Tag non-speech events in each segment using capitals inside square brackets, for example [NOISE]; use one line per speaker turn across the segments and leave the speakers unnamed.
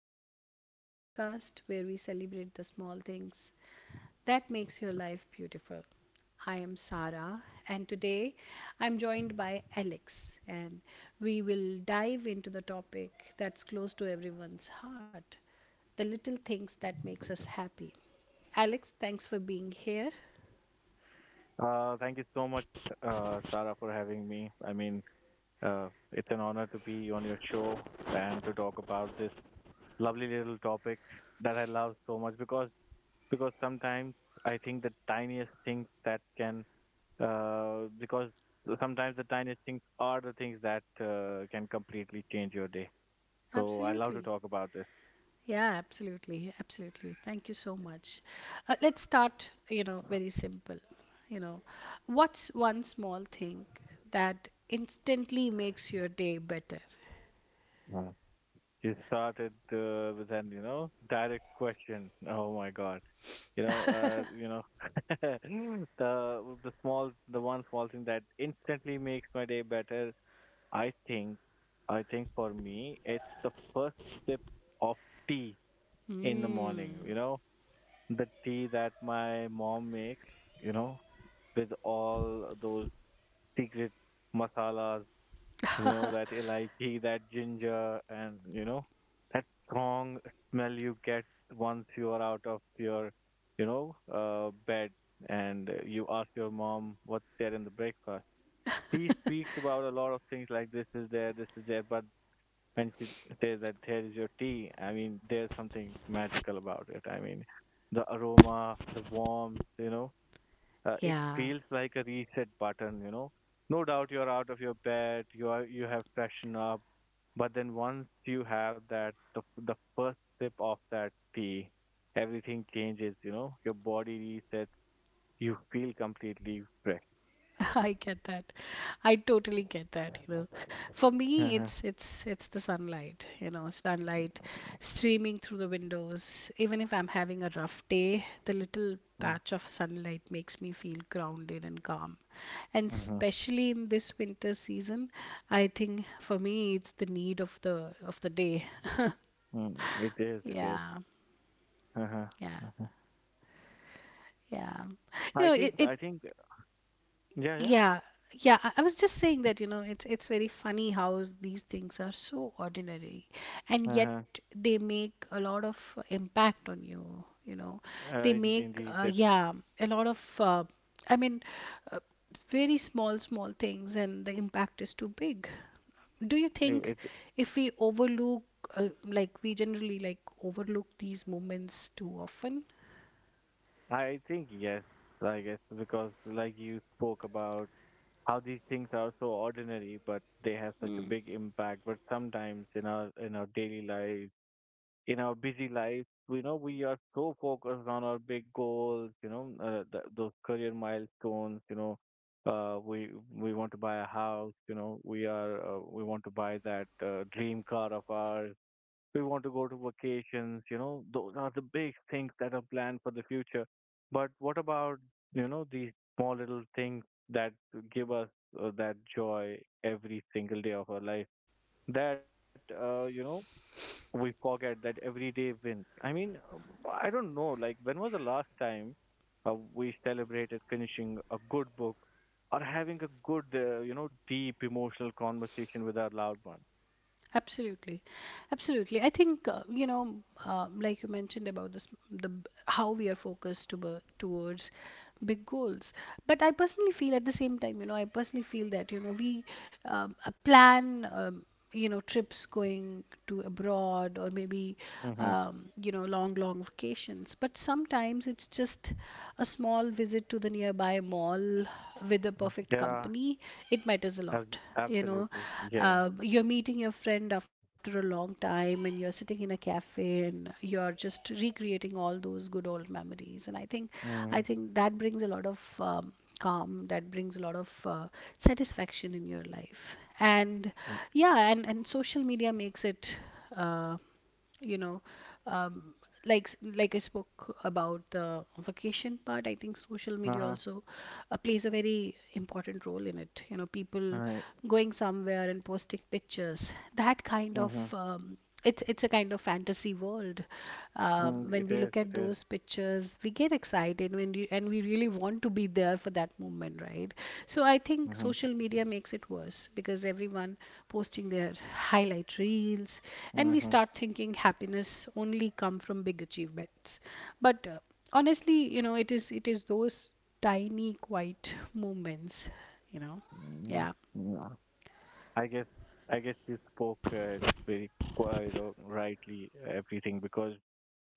Joys, the podcast where we celebrate the small things that makes your life beautiful. I am Sarah and today I'm joined by Alex and we will dive into the topic that's close to everyone's heart, the little things that makes us happy. Alex, thanks for being here.
Thank you so much, Sara, for having me. It's an honor to be on your show and to talk about this lovely little topic that I love so much because sometimes I think the tiniest things that can because sometimes the tiniest things are the things that can completely change your day. So I love to
Absolutely.
talk about
Yeah, absolutely, absolutely. Thank you so much. Let's start, very simple. You know, what's one small thing that instantly makes your day better?
this. You started with an, direct question. [LAUGHS] Oh my God. You know, uh, you know, [LAUGHS] the one small thing that instantly makes my day better. I think, I think for me, it's the first sip of tea in the morning. You
Mm,
know, the tea that my mom makes. You know, with all those secret masalas, you know, that elaichi, that ginger, and you know, that strong smell you get once you are out of your, bed, and you ask your mom what's there in the breakfast. She speaks about a lot of things like this is there, but when she says that there is your tea, I mean, there's something magical about it. I mean, the aroma, the warmth, it
yeah.
feels like a reset button. No doubt you're out of your bed, you have freshened up, but then once you have the first sip of that tea, everything changes. You know, your body resets, you feel completely fresh.
[LAUGHS] I get that. I totally get that, you know. For me,
Mhm,
it's the sunlight, you know, sunlight streaming through the windows. Even if I'm having a rough day, the little
mm,
patch of sunlight makes me feel grounded and calm. And
mhm,
especially in this winter season, I think for me it's the need of the day.
mm. It is, it is.
Yeah.
Uh-huh,
Yeah.
uh-huh.
Yeah. You
i
know, it,
think
it
I think yeah yeah
Yeah, yeah. I was just saying that, you know, it's very funny how these things are so ordinary, and
uh-huh.
yet they make a lot of impact on you. You know, they
In-
make
indeed that
yeah a lot of. I mean, uh, Very small things, and the impact is too big. Do you think
it
if we overlook, like we generally like overlook these moments too often?
I think yes I guess, because like you spoke about how these things are so ordinary but they have such a big impact. But sometimes in our daily life, in our busy life, we know we are so focused on our big goals, you know, those career milestones, you know. uh, we we want to buy a house, you know. We want to buy that dream car of ours, we want to go to vacations, you know. Those are the big things that are planned for the future. But what about, you know, these small little things that give us that joy every single day of our life, that, you know, we forget that every day wins? I mean, I don't know, like when was the last time we celebrated finishing a good book, or having a good, you know, deep emotional conversation with our loved one?
Absolutely, absolutely. I think you know, like you mentioned about this, how we are focused towards big goals. But I personally feel at the same time, you know, I personally feel that you know we plan, you know, trips going to abroad or maybe
hmm
you know long vacations. But sometimes it's just a small visit to the nearby mall with the perfect
yeah
company. It matters a
Ab-
lot, you know.
absolutely. Yeah.
You're meeting your friend after a long time and you're sitting in a cafe and you're just recreating all those good old memories, and i think i
Mm.
think that brings a lot of calm, that brings a lot of satisfaction in your life. And yeah, and social media makes it uh, you know um, like I spoke about the vacation part, I think social media
Uh-huh.
also plays a very important role in it, you know. People
Right.
going somewhere and posting pictures, that kind
Mm-hmm.
of it's a kind of fantasy world.
Mm,
When
it
we
is.
look
It
at
is.
those pictures, we get side, and we really want to be there for that moment, right? So I think
Mm-hmm.
social media makes it worse because everyone posting their highlight reels, and we
Mm-hmm.
start thinking happiness only come from big achievements. But honestly, you know, it is those tiny quiet moments, you know.
Mm.
Yeah,
Yeah. I guess. I guess you spoke, very, you know, rightly everything, because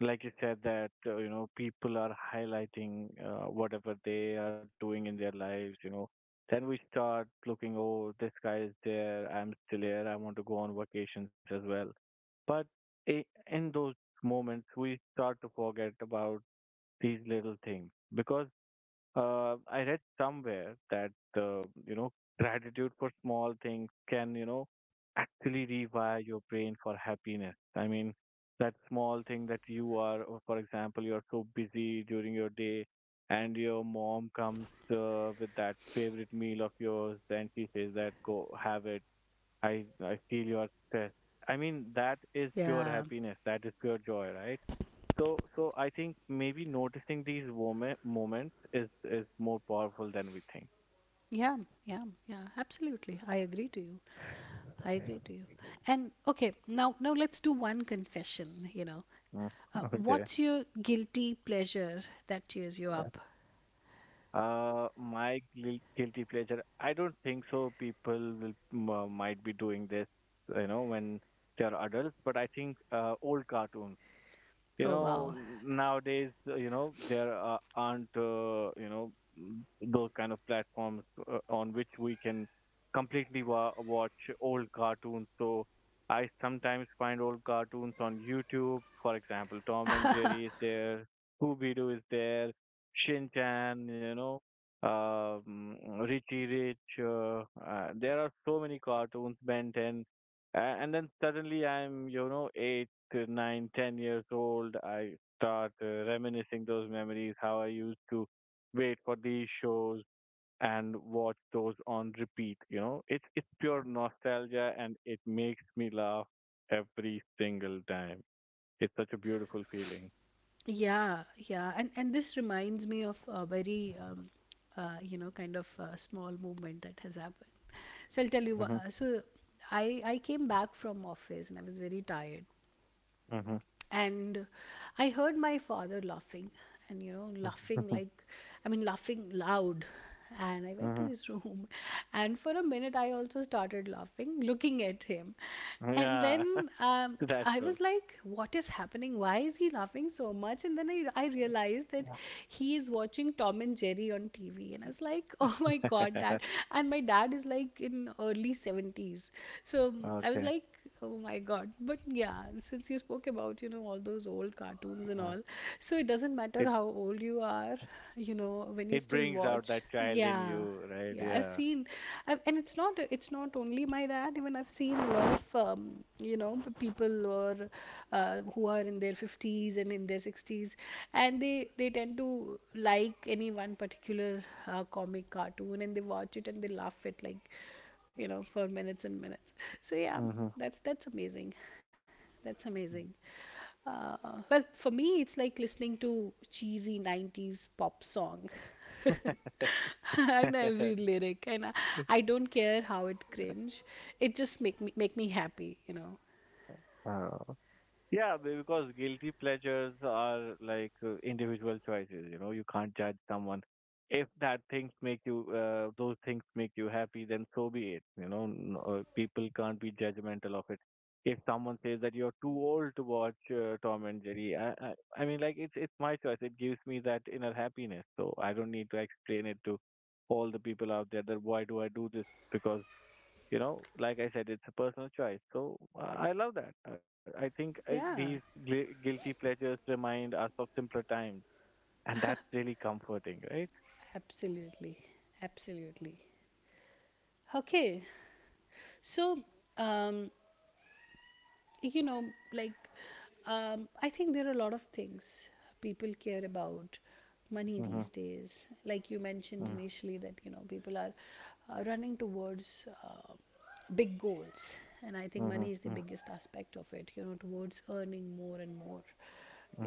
like you said that, you know, people are highlighting, whatever they are doing in their lives, you know. Then we start looking, oh, this guy is there, I'm still here, I want to go on vacations as well. But i- in those moments, we start to forget about these little things because, I read somewhere that, you know, gratitude for small things can, you know, actually rewire your brain for happiness. I mean, that small thing that you are, or for example, you are so busy during your day, and your mom comes with that favorite meal of yours, and she says that go have it. I feel you are stressed. I mean, that is pure
yeah,
happiness. That is pure joy, right? So, I think maybe noticing these moments is more powerful than we think.
yeah, yeah, yeah, absolutely. I agree to you. I agree to you. And okay, now now let's do one confession, you know.
Mm. [LAUGHS] Okay.
What's your guilty pleasure that cheers you
Yeah.
up?
My guilty pleasure. I don't think so people will might be doing this, you know, when they are adults. But I think old cartoons. You
Oh
know,
wow.
nowadays, you know, there are, aren't, you know, those kind of platforms on which we can completely watch old cartoons. So I sometimes find old cartoons on YouTube. For example, Tom and Jerry is there, Scooby Doo is there, Shin Chan, you know, um, Richie Rich, there are so many cartoons, Ben 10. A- and then suddenly I'm, you know, 8 to 9, 10 years old. I start reminiscing those memories, how I used to wait for these shows and watch those on repeat. You know, it's pure nostalgia, and it makes me laugh every single time. It's such a beautiful feeling.
Yeah, yeah. And this reminds me of a very you know kind of small movement that has happened. So I'll tell you.
hmm
I came back from office and I was very tired.
hmm
And I heard my father laughing, and you know, laughing
hmm
like, I mean, laughing loud. And I went to
hmm
his room [LAUGHS] and for a minute I also started laughing looking at him. And
yeah [LAUGHS]
then,
that's
I
cool.
was like, what is happening, why is he laughing so much? And then I realized that he is watching Tom and Jerry on TV, and I was like [LAUGHS] oh my god,
[LAUGHS]
Dad. And my dad is like in early 70s. So I was
Okay.
like [LAUGHS] oh my god. But yeah, since you spoke about, you know, all those old cartoons and
Uh,
all, so it doesn't matter
it
how old you are, you know, when you
it
still
brings out
watch.
that child in
Yeah.
you, right?
Yeah, I've
Yeah.
seen, I've, and it's not only my dad. Even I've seen a lot of you know people or who are in their fifties and in their sixties, and they tend to like any one particular comic cartoon and they watch it and they laugh at like, you know, for minutes and minutes. So yeah,
Mhm.
that's amazing. That's amazing. Uh, well, for me, it's like listening to cheesy 90s pop song. [LAUGHS] I know every
[LAUGHS]
lyric, and I don't care how it cringe. It just make me happy, you know.
Uh, yeah, because guilty pleasures are like, individual choices, you know. You can't judge someone. If that things make you, those things make you happy, then so be it, you know. People can't be judgmental of it. If someone says that you're too old to watch, Tom and Jerry, I mean, like, it's my choice. It gives me that inner happiness, so I don't need to explain it to all the people out there that why do I do this, because, you know, like I said, it's a personal choice. So, I love that. These
Yeah,
guilty pleasures remind us of simpler times, and that's really comforting, right?
absolutely, absolutely. Okay, so um, you know, like, I think there are a lot of things people care about, money
Mm-hmm.
these days. Like you mentioned
Mm-hmm.
initially, that, you know, people are running towards big goals. And I think money is the biggest aspect of it, you know, towards earning more and more,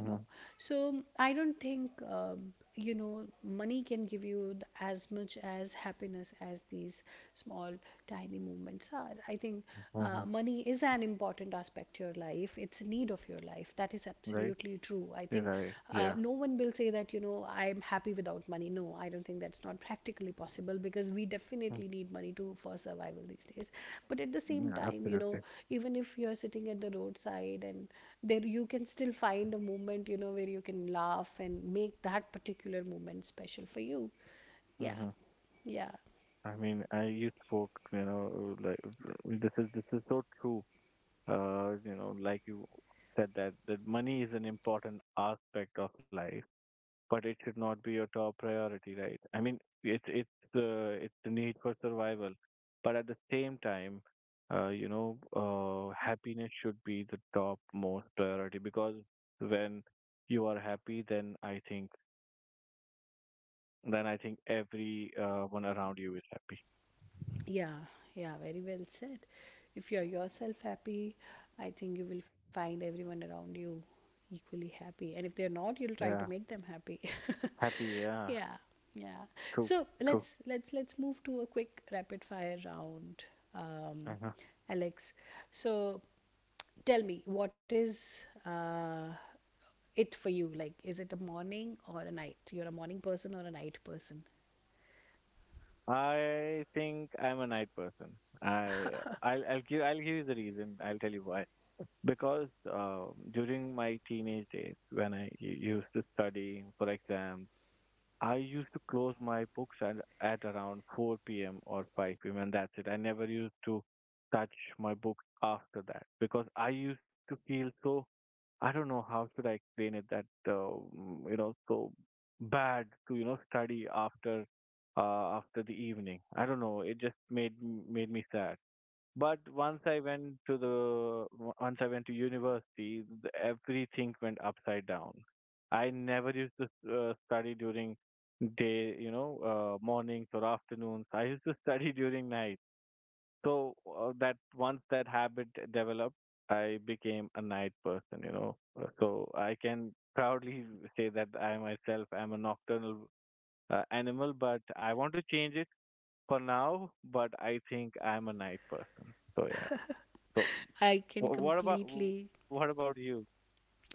you know. So I don't think, you know, money can give you as much as happiness as these small, tiny movements are. I think
Mm-hmm.
money is an important aspect to your life, it's a need of your life, that is
Right?
absolutely true. I think
Right. Yeah.
no one will say that, you know, I'm happy without money. No, I don't think, that's not practically possible, because we
Mm.
definitely need money to, for survival these days. But at the same
Yeah,
time, you
absolutely.
know, even if you're sitting at the roadside and there, you can still find a moment, you know, where you can laugh and make that particular moment special for you. Yeah,
Mm-hmm.
yeah.
I you spoke, you know, like, this is so true. You know, like you said that money is an important aspect of life, but it should not be your top priority, right? I mean, it's, it's the need for survival, but at the same time, you know, happiness should be the top most priority, because when you are happy, then I think, every one around you is happy.
Yeah, yeah, very well said. If you're yourself happy, I think you will find everyone around you equally happy. And if they're not, you'll try to
Yeah,
make them happy.
happy.
[LAUGHS]
Yeah,
Yeah, yeah.
true,
So
true.
let's move to a quick rapid fire round, um,
Uh-huh.
Alex. So tell me, what is uh, it for you? Like, is it a morning or a night? You're a morning person or a night person?
I think I'm a night person. I I'll give I'll give you the reason. I'll tell you why. Because, during my teenage days, when I used to study for exams, I used to close my books at around 4 p.m. or 5 p.m. and that's it. I never used to touch my books after that, because I used to feel so, I don't know how should I explain it, that, you know, so bad to, you know, study after, after the evening. I don't know. It just made made me sad. But once I went to the, once I went to university, everything went upside down. I never used to study during day, you know, mornings or afternoons. I used to study [LAUGHS] during night. So, that once that habit developed, I became a night person, you know. So I can proudly say that I myself am a nocturnal animal, but I want to change it for now. But I think I'm a night person. So yeah. So.
I can
What about what
completely
about you? [LAUGHS]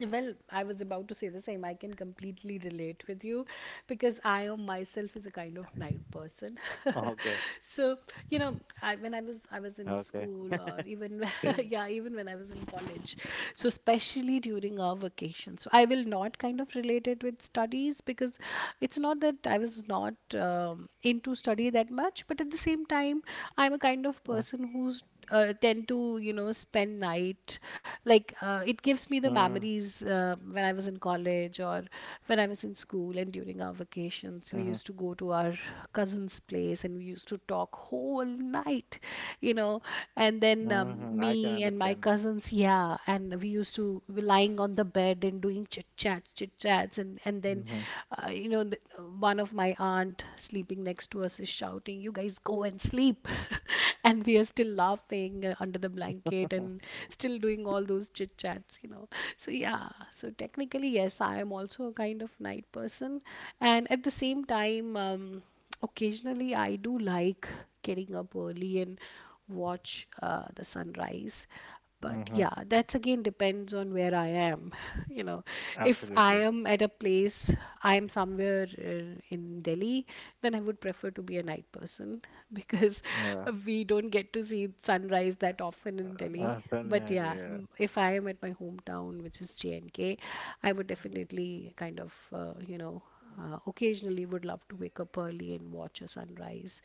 Well, I was about to say the same. I can completely relate with you because
Oh,
I am
okay,
myself is a kind of night person.
okay.
So you know, I, when i
[LAUGHS]
was i was in school, or even [LAUGHS] yeah, even when I was in college. So especially during our vacation, so I will not kind of relate it with studies, because it's not that I was not into study that much, but at the same time
Mhm,
I'm a kind of person who's tend to, you know, spend night. Like it
mm,
gives me the memories, when I was in college or when I was in school, and during our
mhm,
vacations we used to go to our cousin's place and we used to talk whole night, you know. And then
mhm.
um,
I can
me and my
understand.
cousins, yeah, and we used to be lying on the bed and doing chit chats, chit chats, and and then
Mhm,
uh, you know, one of my aunt sleeping next to us is shouting, you guys go and sleep. [LAUGHS] And we are still laughing under the blanket and still doing all those chit chats, you know. So yeah, so technically, yes, I am also a kind of night person. And at the same time, occasionally I do like getting up early and watch the sunrise. But
mhm.
yeah, that's again depends on where I am. [LAUGHS] You know, if I
Absolutely.
am at a place, I am somewhere in Delhi, then I would prefer to be a night person [LAUGHS] because
Yeah.
we don't get to see sunrise that often in Delhi.
Certainly,
But
I agree,
yeah,
yeah.
if I am at my hometown, which is JNK, I would definitely kind of, you know, occasionally would love to wake up early and watch a sunrise,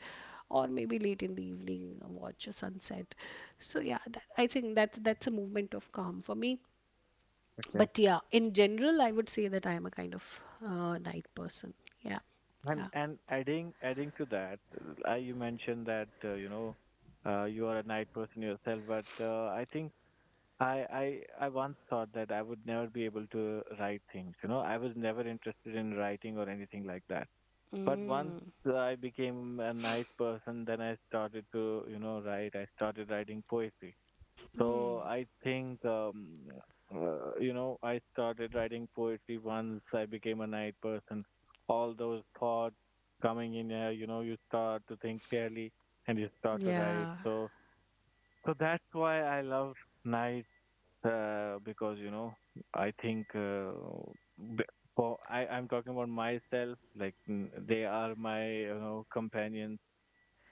or maybe late in the evening watch a sunset. So yeah, that, I think that's a movement of calm for me.
Okay.
But yeah, in general I would say that I am a kind of night person. Yeah,
And
yeah,
adding adding to that, you mentioned that, you know, you are a night person yourself, but, I think, I I I once thought that I would never be able to write things. You know, I was never interested in writing or anything like that. But once
mm,
I became a night person, then I started to, you know, write. I started writing poetry. So I think, you know, I started writing poetry once I became a night person. All those thoughts coming in, you know, you start to think clearly and you start to write.
yeah,
So, that's why I love nights, because, you know, I think, for, I'm talking about myself, like, they are my, you know, companions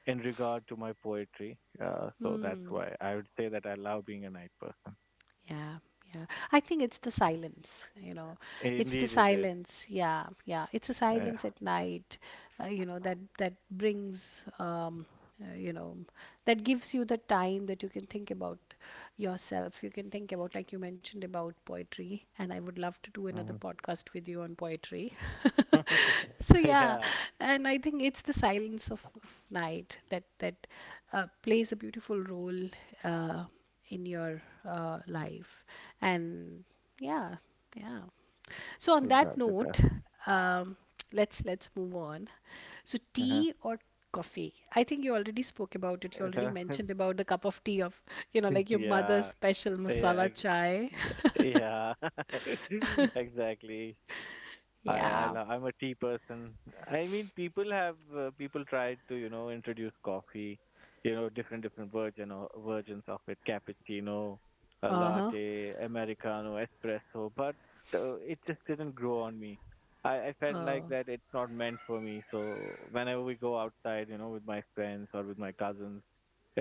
in regard to my poetry. So that's
mm.
why I would say that I love being a night person.
Yeah, yeah. I think it's the silence, you know. It's the
Indeed, it is.
silence. Yeah, yeah. It's a
Yeah.
silence at night, you know, that that brings you know, that gives you the time that you can think about yourself. You can think about, like you mentioned about poetry, and I would love to do another
Mhm.
podcast with you on poetry. [LAUGHS]
[LAUGHS]
So yeah,
Yeah,
and I think it's the silence of night that that plays a beautiful role. Uh, in your life, and yeah, yeah. So on
it
that
does. It does.
note, um, let's move on. So
Uh-huh.
tea or coffee? I think you already spoke about it, you
It
already
does.
mentioned about the cup of tea, of you know, like
[LAUGHS]
your mother's
Yeah.
special
Yeah.
masala
I,
chai.
yeah. [LAUGHS] Exactly.
[LAUGHS] Yeah,
I'm a tea person. I mean, people have, people tried to, you know, introduce coffee, you know, different versions of it, cappuccino, a
uh-huh,
latte, americano, espresso, but, it just didn't grow on me. I felt
uh,
like that it's not meant for me. So whenever we go outside, you know, with my friends or with my cousins,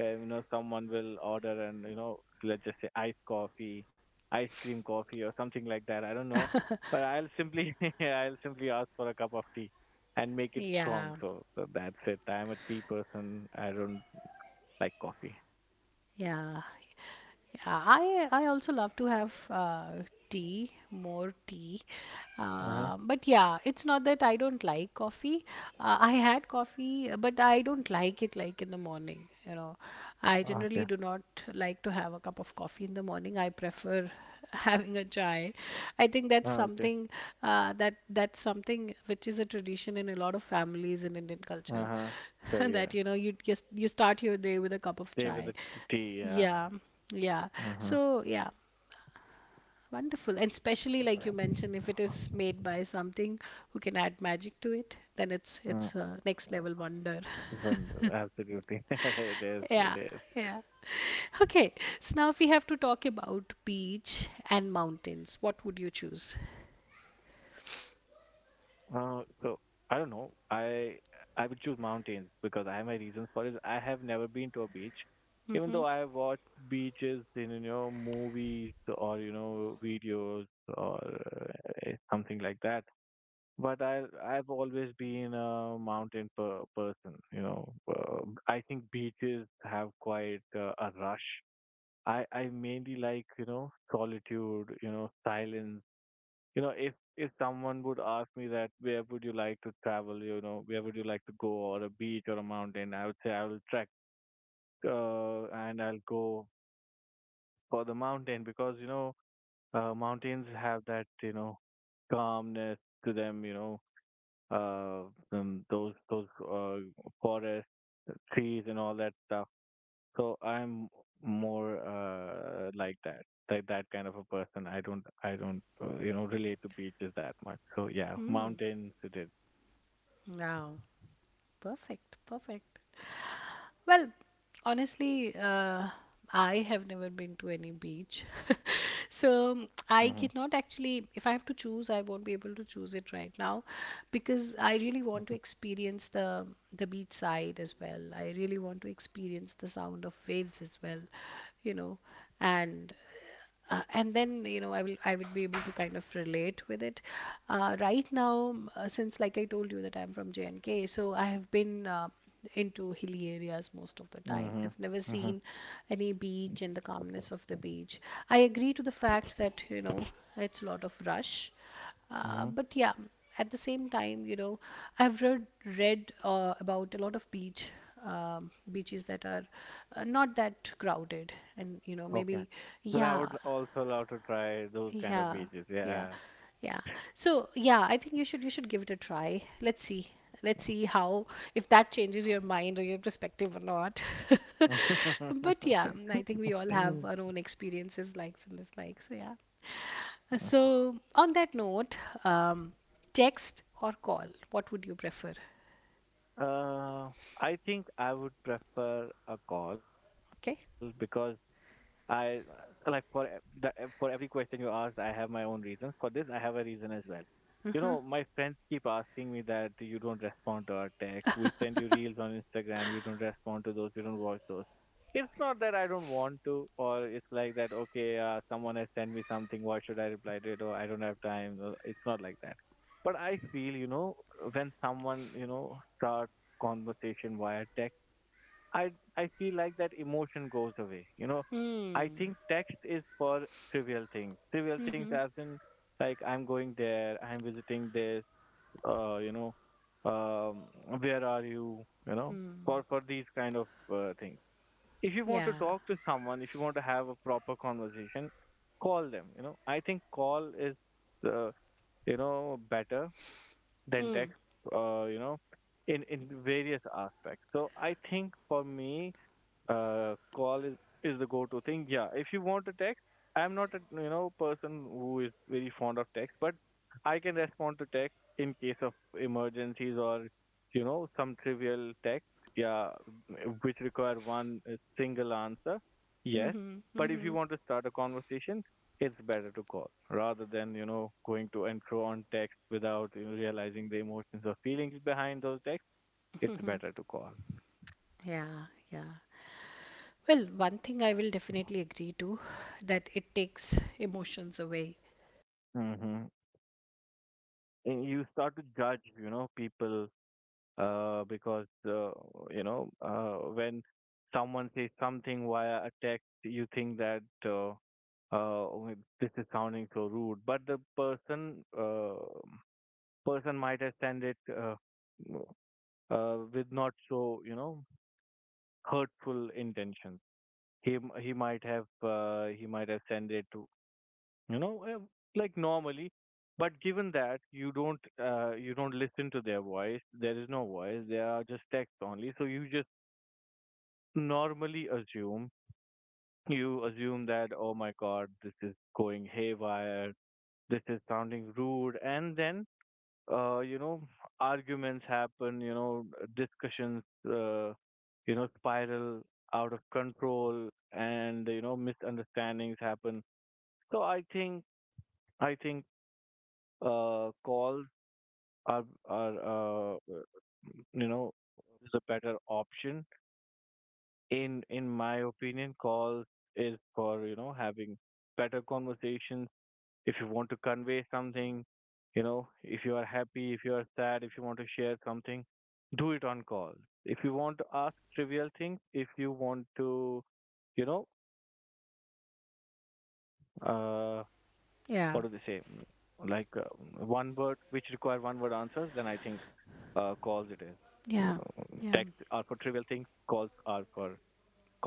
you know someone will order and you know let's just say iced coffee ice cream coffee or something like that. I don't know, but I'll simply [LAUGHS] I'll simply ask for a cup of tea and make it strong.
yeah.
So that's it. I'm a tea person. I don't like coffee.
Yeah. Yeah, I also love to have tea, more tea.
Uh-huh.
But yeah, it's not that I don't like coffee. I had coffee, but I don't like it like in the morning. I
Okay.
generally do not like to have a cup of coffee in the morning. I prefer [LAUGHS] having a chai. I think that's
Ah, okay.
something that's something which is a tradition in a lot of families in Indian culture.
Uh-huh.
[LAUGHS]
So yeah,
that you know you just you start your day with a cup of
stay with
chai.
the tea. Yeah.
Yeah, yeah.
Uh-huh.
So yeah, wonderful. And especially like you mentioned, if it is made by something who can add magic to it, then it's
uh,
it's a next level wonder.
then
[LAUGHS]
absolutely [LAUGHS] it is it
Yeah,
is
yeah. Okay, so now if we have to talk about beach and mountains, what would you choose?
So I don't know. I would choose mountains because I have my reasons for it. I have never been to a beach, even though
Mm-hmm.
I have watched beaches in you know movies or you know videos or something like that. But I've always been a mountain per person. You know, I think beaches have quite a rush. I mainly like you know solitude, you know silence. You know, if someone would ask me that where would you like to travel, you know, where would you like to go, or a beach or a mountain, I would say I will trek and I'll go for the mountain because you know mountains have that you know calmness to them, you know, those forests, trees, and all that stuff. So I'm more like that kind of a person. I don't, you know, relate to beaches that much. So yeah,
Mm,
mountains it is.
wow. Perfect. Perfect. Well, honestly, I have never been to any beach.
Mhm.
So I cannot actually, if I have to choose, I won't be able to choose it right now because I really want to experience the beach side as well. I really want to experience the sound of waves as well, you know, and and then I would be able to kind of relate with it right now since like I told you that I'm from J&K, so I have been into hilly areas most of the time.
Mhm.
I've never
Mhm.
seen any beach and the calmness of the beach. I agree to the fact that, you know, it's a lot of rush.
Mhm.
But yeah, at the same time, you know, I've read about a lot of beaches that are not that crowded, and you know,
Okay.
maybe
Then I
yeah,
would also love to try those kind of
yeah,
beaches.
yeah,
Yeah.
yeah. So yeah, I think you should give it a try. Let's see. Let's see how if that changes your mind or your perspective or not. [LAUGHS] But
[LAUGHS]
yeah, I think we all have our own experiences, likes and dislikes. Yeah. So on that note, um, text or call, what would you prefer?
uh, I think I would prefer a call because
Okay.
I like for for every question you asked, I have my own reasons. For this, I have a reason as well. You know, my friends keep asking me that you don't respond to our text. We send you reels on Instagram. You don't respond to those. You don't watch those. It's not that I don't want to, or it's like that. Okay, someone has sent me something. Why should I reply to it? Or I don't have time. It's not like that. But I feel, you know, when someone, you know, starts conversation via text. I I feel like that emotion goes away. You know, I think text is for trivial things. Trivial things as in like I'm going there, I'm visiting this, you know, um, where are you? You know, for these kind of things. If you want to
Yeah.
talk to someone, if you want to have a proper conversation, call them. You know, I think call is uh, you know better than text. You know, in various aspects. So I think for me call is the go-to thing. Yeah, if you want to text, I'm not a you know person who is very fond of text, but I can respond to text in case of emergencies or you know some trivial text. Yeah, which require one single answer. Yes,
Mm-hmm.
but if you
Mm-hmm.
want to start a conversation, it's better to call rather than you know going to intro on text without you know, realizing the emotions or feelings behind those texts. It's better to call.
[LAUGHS] yeah. Yeah. Well, one thing I will definitely agree to that it takes emotions away.
Hmm. And you start to judge you know people because you know when someone says something via a text you think that "Oh, this is sounding so rude, but the person person might have sent it with not so you know hurtful intentions. He he might have sent it you know like normally. But given that you don't listen to their voice. There is no voice. They are just text only. So you just normally assume. You assume that oh my god, this is going haywire. This is sounding rude. And then you know arguments happen. You know discussions you know spiral out of control. And you know misunderstandings happen. So I think calls are you know is a better option. In my opinion, call is for you know having better conversations. If you want to convey something, you know, if you are happy, if you are sad, if you want to share something, do it on call. If you want to ask trivial things, if you want to you know uh what do they say. Mm, like
Yeah,
one word which require one word answers, then I think calls it is. Text are
yeah,
for trivial
yeah,
things, calls are for conversation.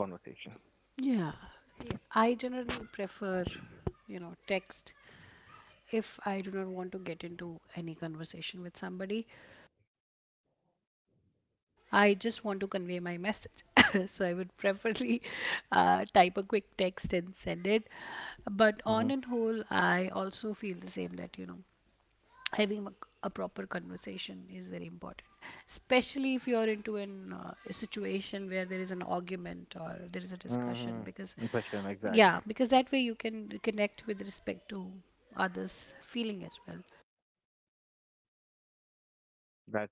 yeah. I generally prefer, you know, text if I do not want to get into any conversation with somebody. I just want to convey my message. [LAUGHS] [COUGHS] So I would preferably type a quick text and send it. But on
Mm-hmm.
and whole, I also feel the same that, you know, having a proper conversation is very important, especially if you're into an a situation where there is an argument or there is a discussion,
Mm-hmm.
because
Impression,
yeah,
exactly.
because that way you can connect with respect to others feeling as well.
That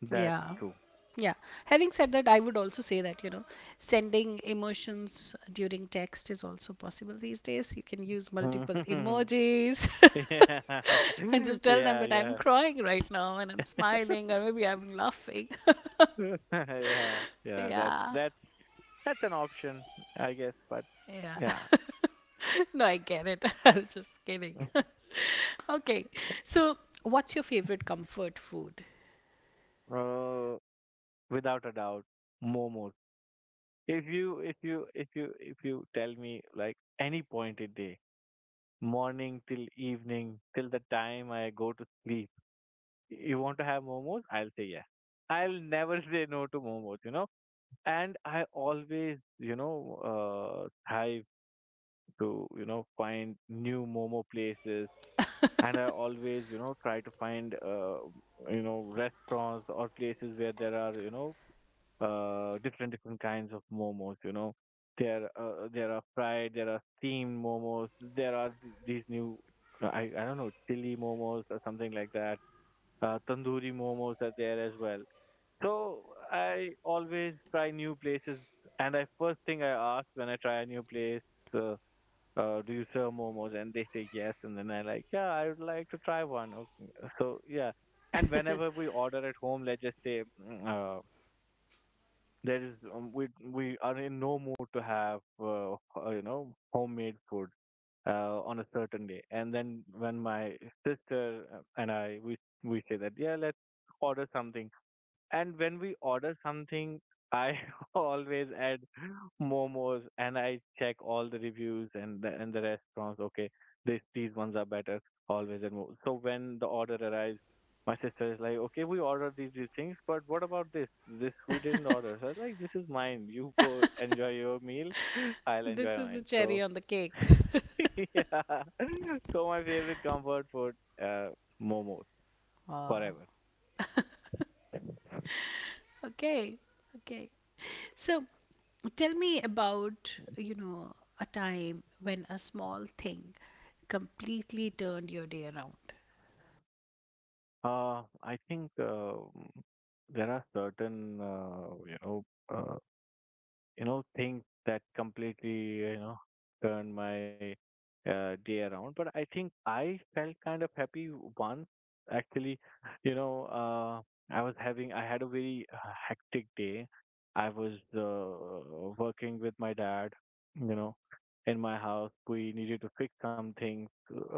that's
Yeah,
true.
yeah. Having said that, I would also say that, you know, sending emotions during text is also possible these days. You can use multiple
Mhm.
emojis.
[LAUGHS] yeah,
[LAUGHS] And just
[LAUGHS]
tell them
yeah,
that I'm
yeah,
crying right now and I'm smiling or maybe I'm laughing.
[LAUGHS] yeah.
[LAUGHS]
Yeah. That
Yeah.
that that's an option, I guess. But
Yeah,
yeah,
[LAUGHS] no, I get it. [LAUGHS] I was just kidding. [LAUGHS] Okay, so what's your favorite comfort food?
uh, without a doubt, momos. If you tell me like any point in day, morning till evening till the time I go to sleep. You want to have momos? I'll say yes. I'll never [LAUGHS] say no to momos, you know. And I always, you know, thrive to, you know, find new momo places. And I always, you know, try to find, you know, restaurants or places where there are, you know, different kinds of momos. You know, there are fried, there are steamed momos, there are these new I don't know chili momos or something like that. Tandoori momos are there as well. So I always try new places, and I first thing I ask when I try a new place, uh, do you serve momos? And they say yes, and then I like, yeah, I would like to try one. Okay. So yeah, and whenever we order at home, let's just say, there is we are in no mood to have you know homemade food on a certain day, and then when my sister and I we say that yeah let's order something. And when we order something, I [LAUGHS] always add momos and I check all the reviews and the restaurants. Okay, this these ones are better. Always and more. So when the order arrives, my sister is like, okay, we ordered these things, but what about this? This we didn't order. So I was like, this is mine. You go enjoy your meal. [LAUGHS] I'll enjoy
This is the
mine. So
cherry on the cake.
[LAUGHS] yeah. [LAUGHS] So my favorite comfort food, uh, momos
Oh.
forever.
Okay, okay. So tell me about, you know, a time when a small thing completely turned your day around.
I think there are certain uh, you know things that completely you know turn my day around. But I think I felt kind of happy once actually. You know, I was having I had a very hectic day. I was working with my dad. You know, in my house we needed to fix some things.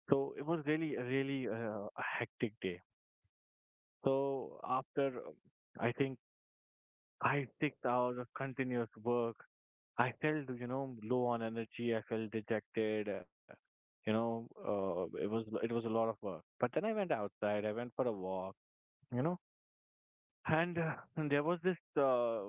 So it was really really a hectic day. So after I think 5, 6 hours of continuous work, I felt you know low on energy. I felt dejected. You know, it was a lot of work. But then I went outside. I went for a walk. You know, and there was this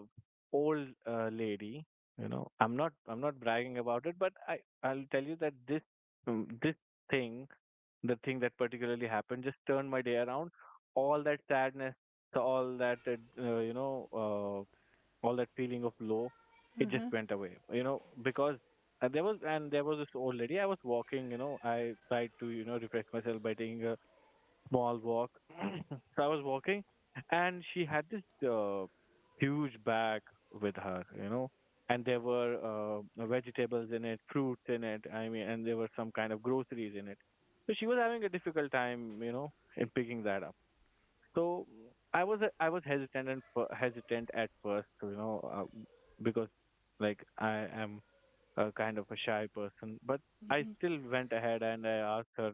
old lady, you know. I'm not bragging about it, but I'll tell you that this this thing, the thing that particularly happened, just turned my day around. All that sadness, so all that you know, all that feeling of low, it just
Mm-hmm.
went away. You know, because there was this old lady. I was walking, you know. I tried to you know refresh myself by taking a small walk. [CLEARS THROAT] So I was walking, and she had this uh, huge bag with her, you know, and there were vegetables in it, fruits in it. I mean, and there were some kind of groceries in it. So she was having a difficult time, you know, in picking that up. So I was hesitant at first, you know, because like I am a kind of a shy person, but I
Mm-hmm.
still went ahead and I asked her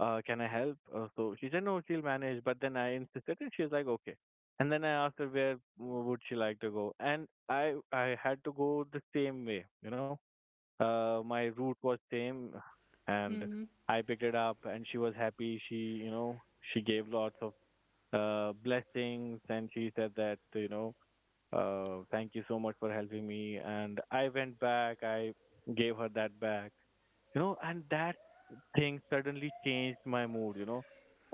can I help? So she said, no, she'll manage. But then I insisted, and she was like, okay. And then I asked her where would she like to go, and I had to go the same way, you know. My route was same, and
Mm-hmm.
I picked it up, and she was happy. She, you know, she gave lots of blessings, and she said that, you know, thank you so much for helping me. And I went back. I gave her that back, you know, and that thing suddenly changed my mood. You know,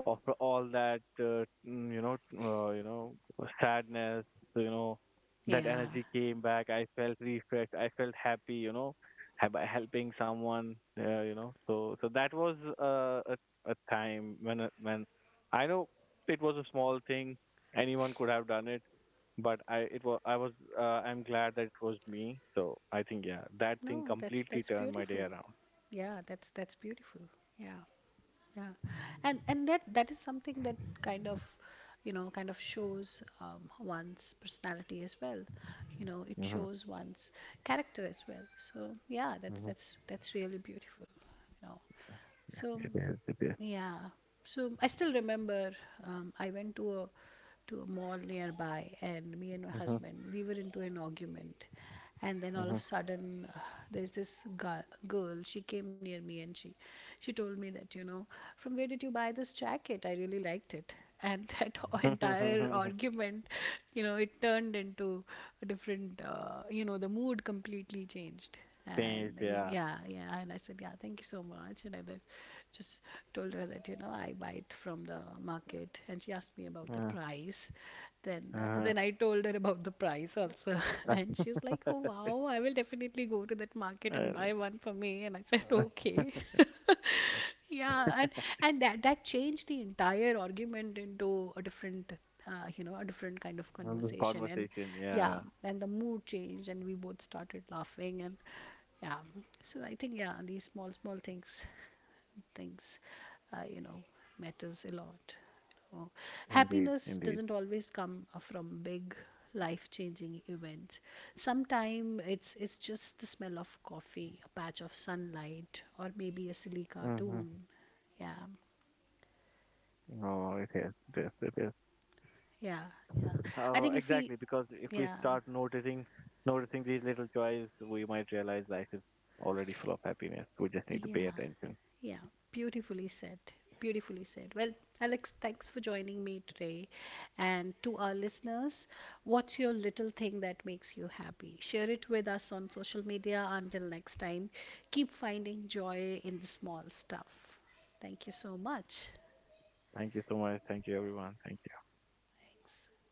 after all that you know sadness, you know, that
Yeah.
energy came back. I felt refreshed. I felt happy, you know. By helping someone, you know. So that was a time when I know it was a small thing, anyone could have done it, but I'm glad that it was me. So I think yeah, that thing
No, that's
completely turned my day
beautiful.
around.
Yeah, that's beautiful. Yeah. Yeah, and that that is something that kind of, you know, kind of shows one's personality as well. You know, it
Mhm.
shows one's character as well. So yeah, that's that's really beautiful. You know, so
It is.
yeah, so I still remember I went to a mall nearby, and me and my
Mhm.
husband we were into an argument, and then all
Mhm.
of a sudden there's this girl, she came near me and she told me that, you know, from where did you buy this jacket, I really liked it. And [LAUGHS] that entire
Change. [LAUGHS]
argument, you know, it turned into a different, you know, the mood completely changed. And
Yeah.
yeah, yeah, and I said, yeah, thank you so much. And I did just told her that, you know, I buy it from the market, and she asked me about the
Uh,
price. Then
uh,
then I told her about the price also, [LAUGHS] and
uh,
she was like, "Oh wow, I will definitely go to that market and
uh,
buy one for me." And I said,
uh,
"Okay." [LAUGHS] Yeah, and that that changed the entire argument into a different, you know, a different kind of
this
conversation. And
conversation.
yeah,
Yeah.
and the mood changed and we both started laughing, and yeah. So I think, yeah, these small things things, you know, matters a lot, you know.
Indeed.
Happiness
Indeed.
doesn't always come from big life changing events. Sometimes it's just the smell of coffee, a patch of sunlight, or maybe a
Mhm.
silly cartoon. Yeah.
No, it is. It is. It is. Oh,
Yeah,
exactly.
yeah,
Because if
I
we
think if
start
we
noticing,
yeah.
noticing these little joys, we might realize life is already full of happiness. We just need to pay attention.
Yeah, yeah. Beautifully said. Beautifully said. Well, Alex, thanks for joining me today. And to our listeners, what's your little thing that makes you happy? Share it with us on social media. Until next time, keep finding joy in the small stuff. Thank you so much.
Thank you so much. Thank you, everyone. Thank you.
Thanks.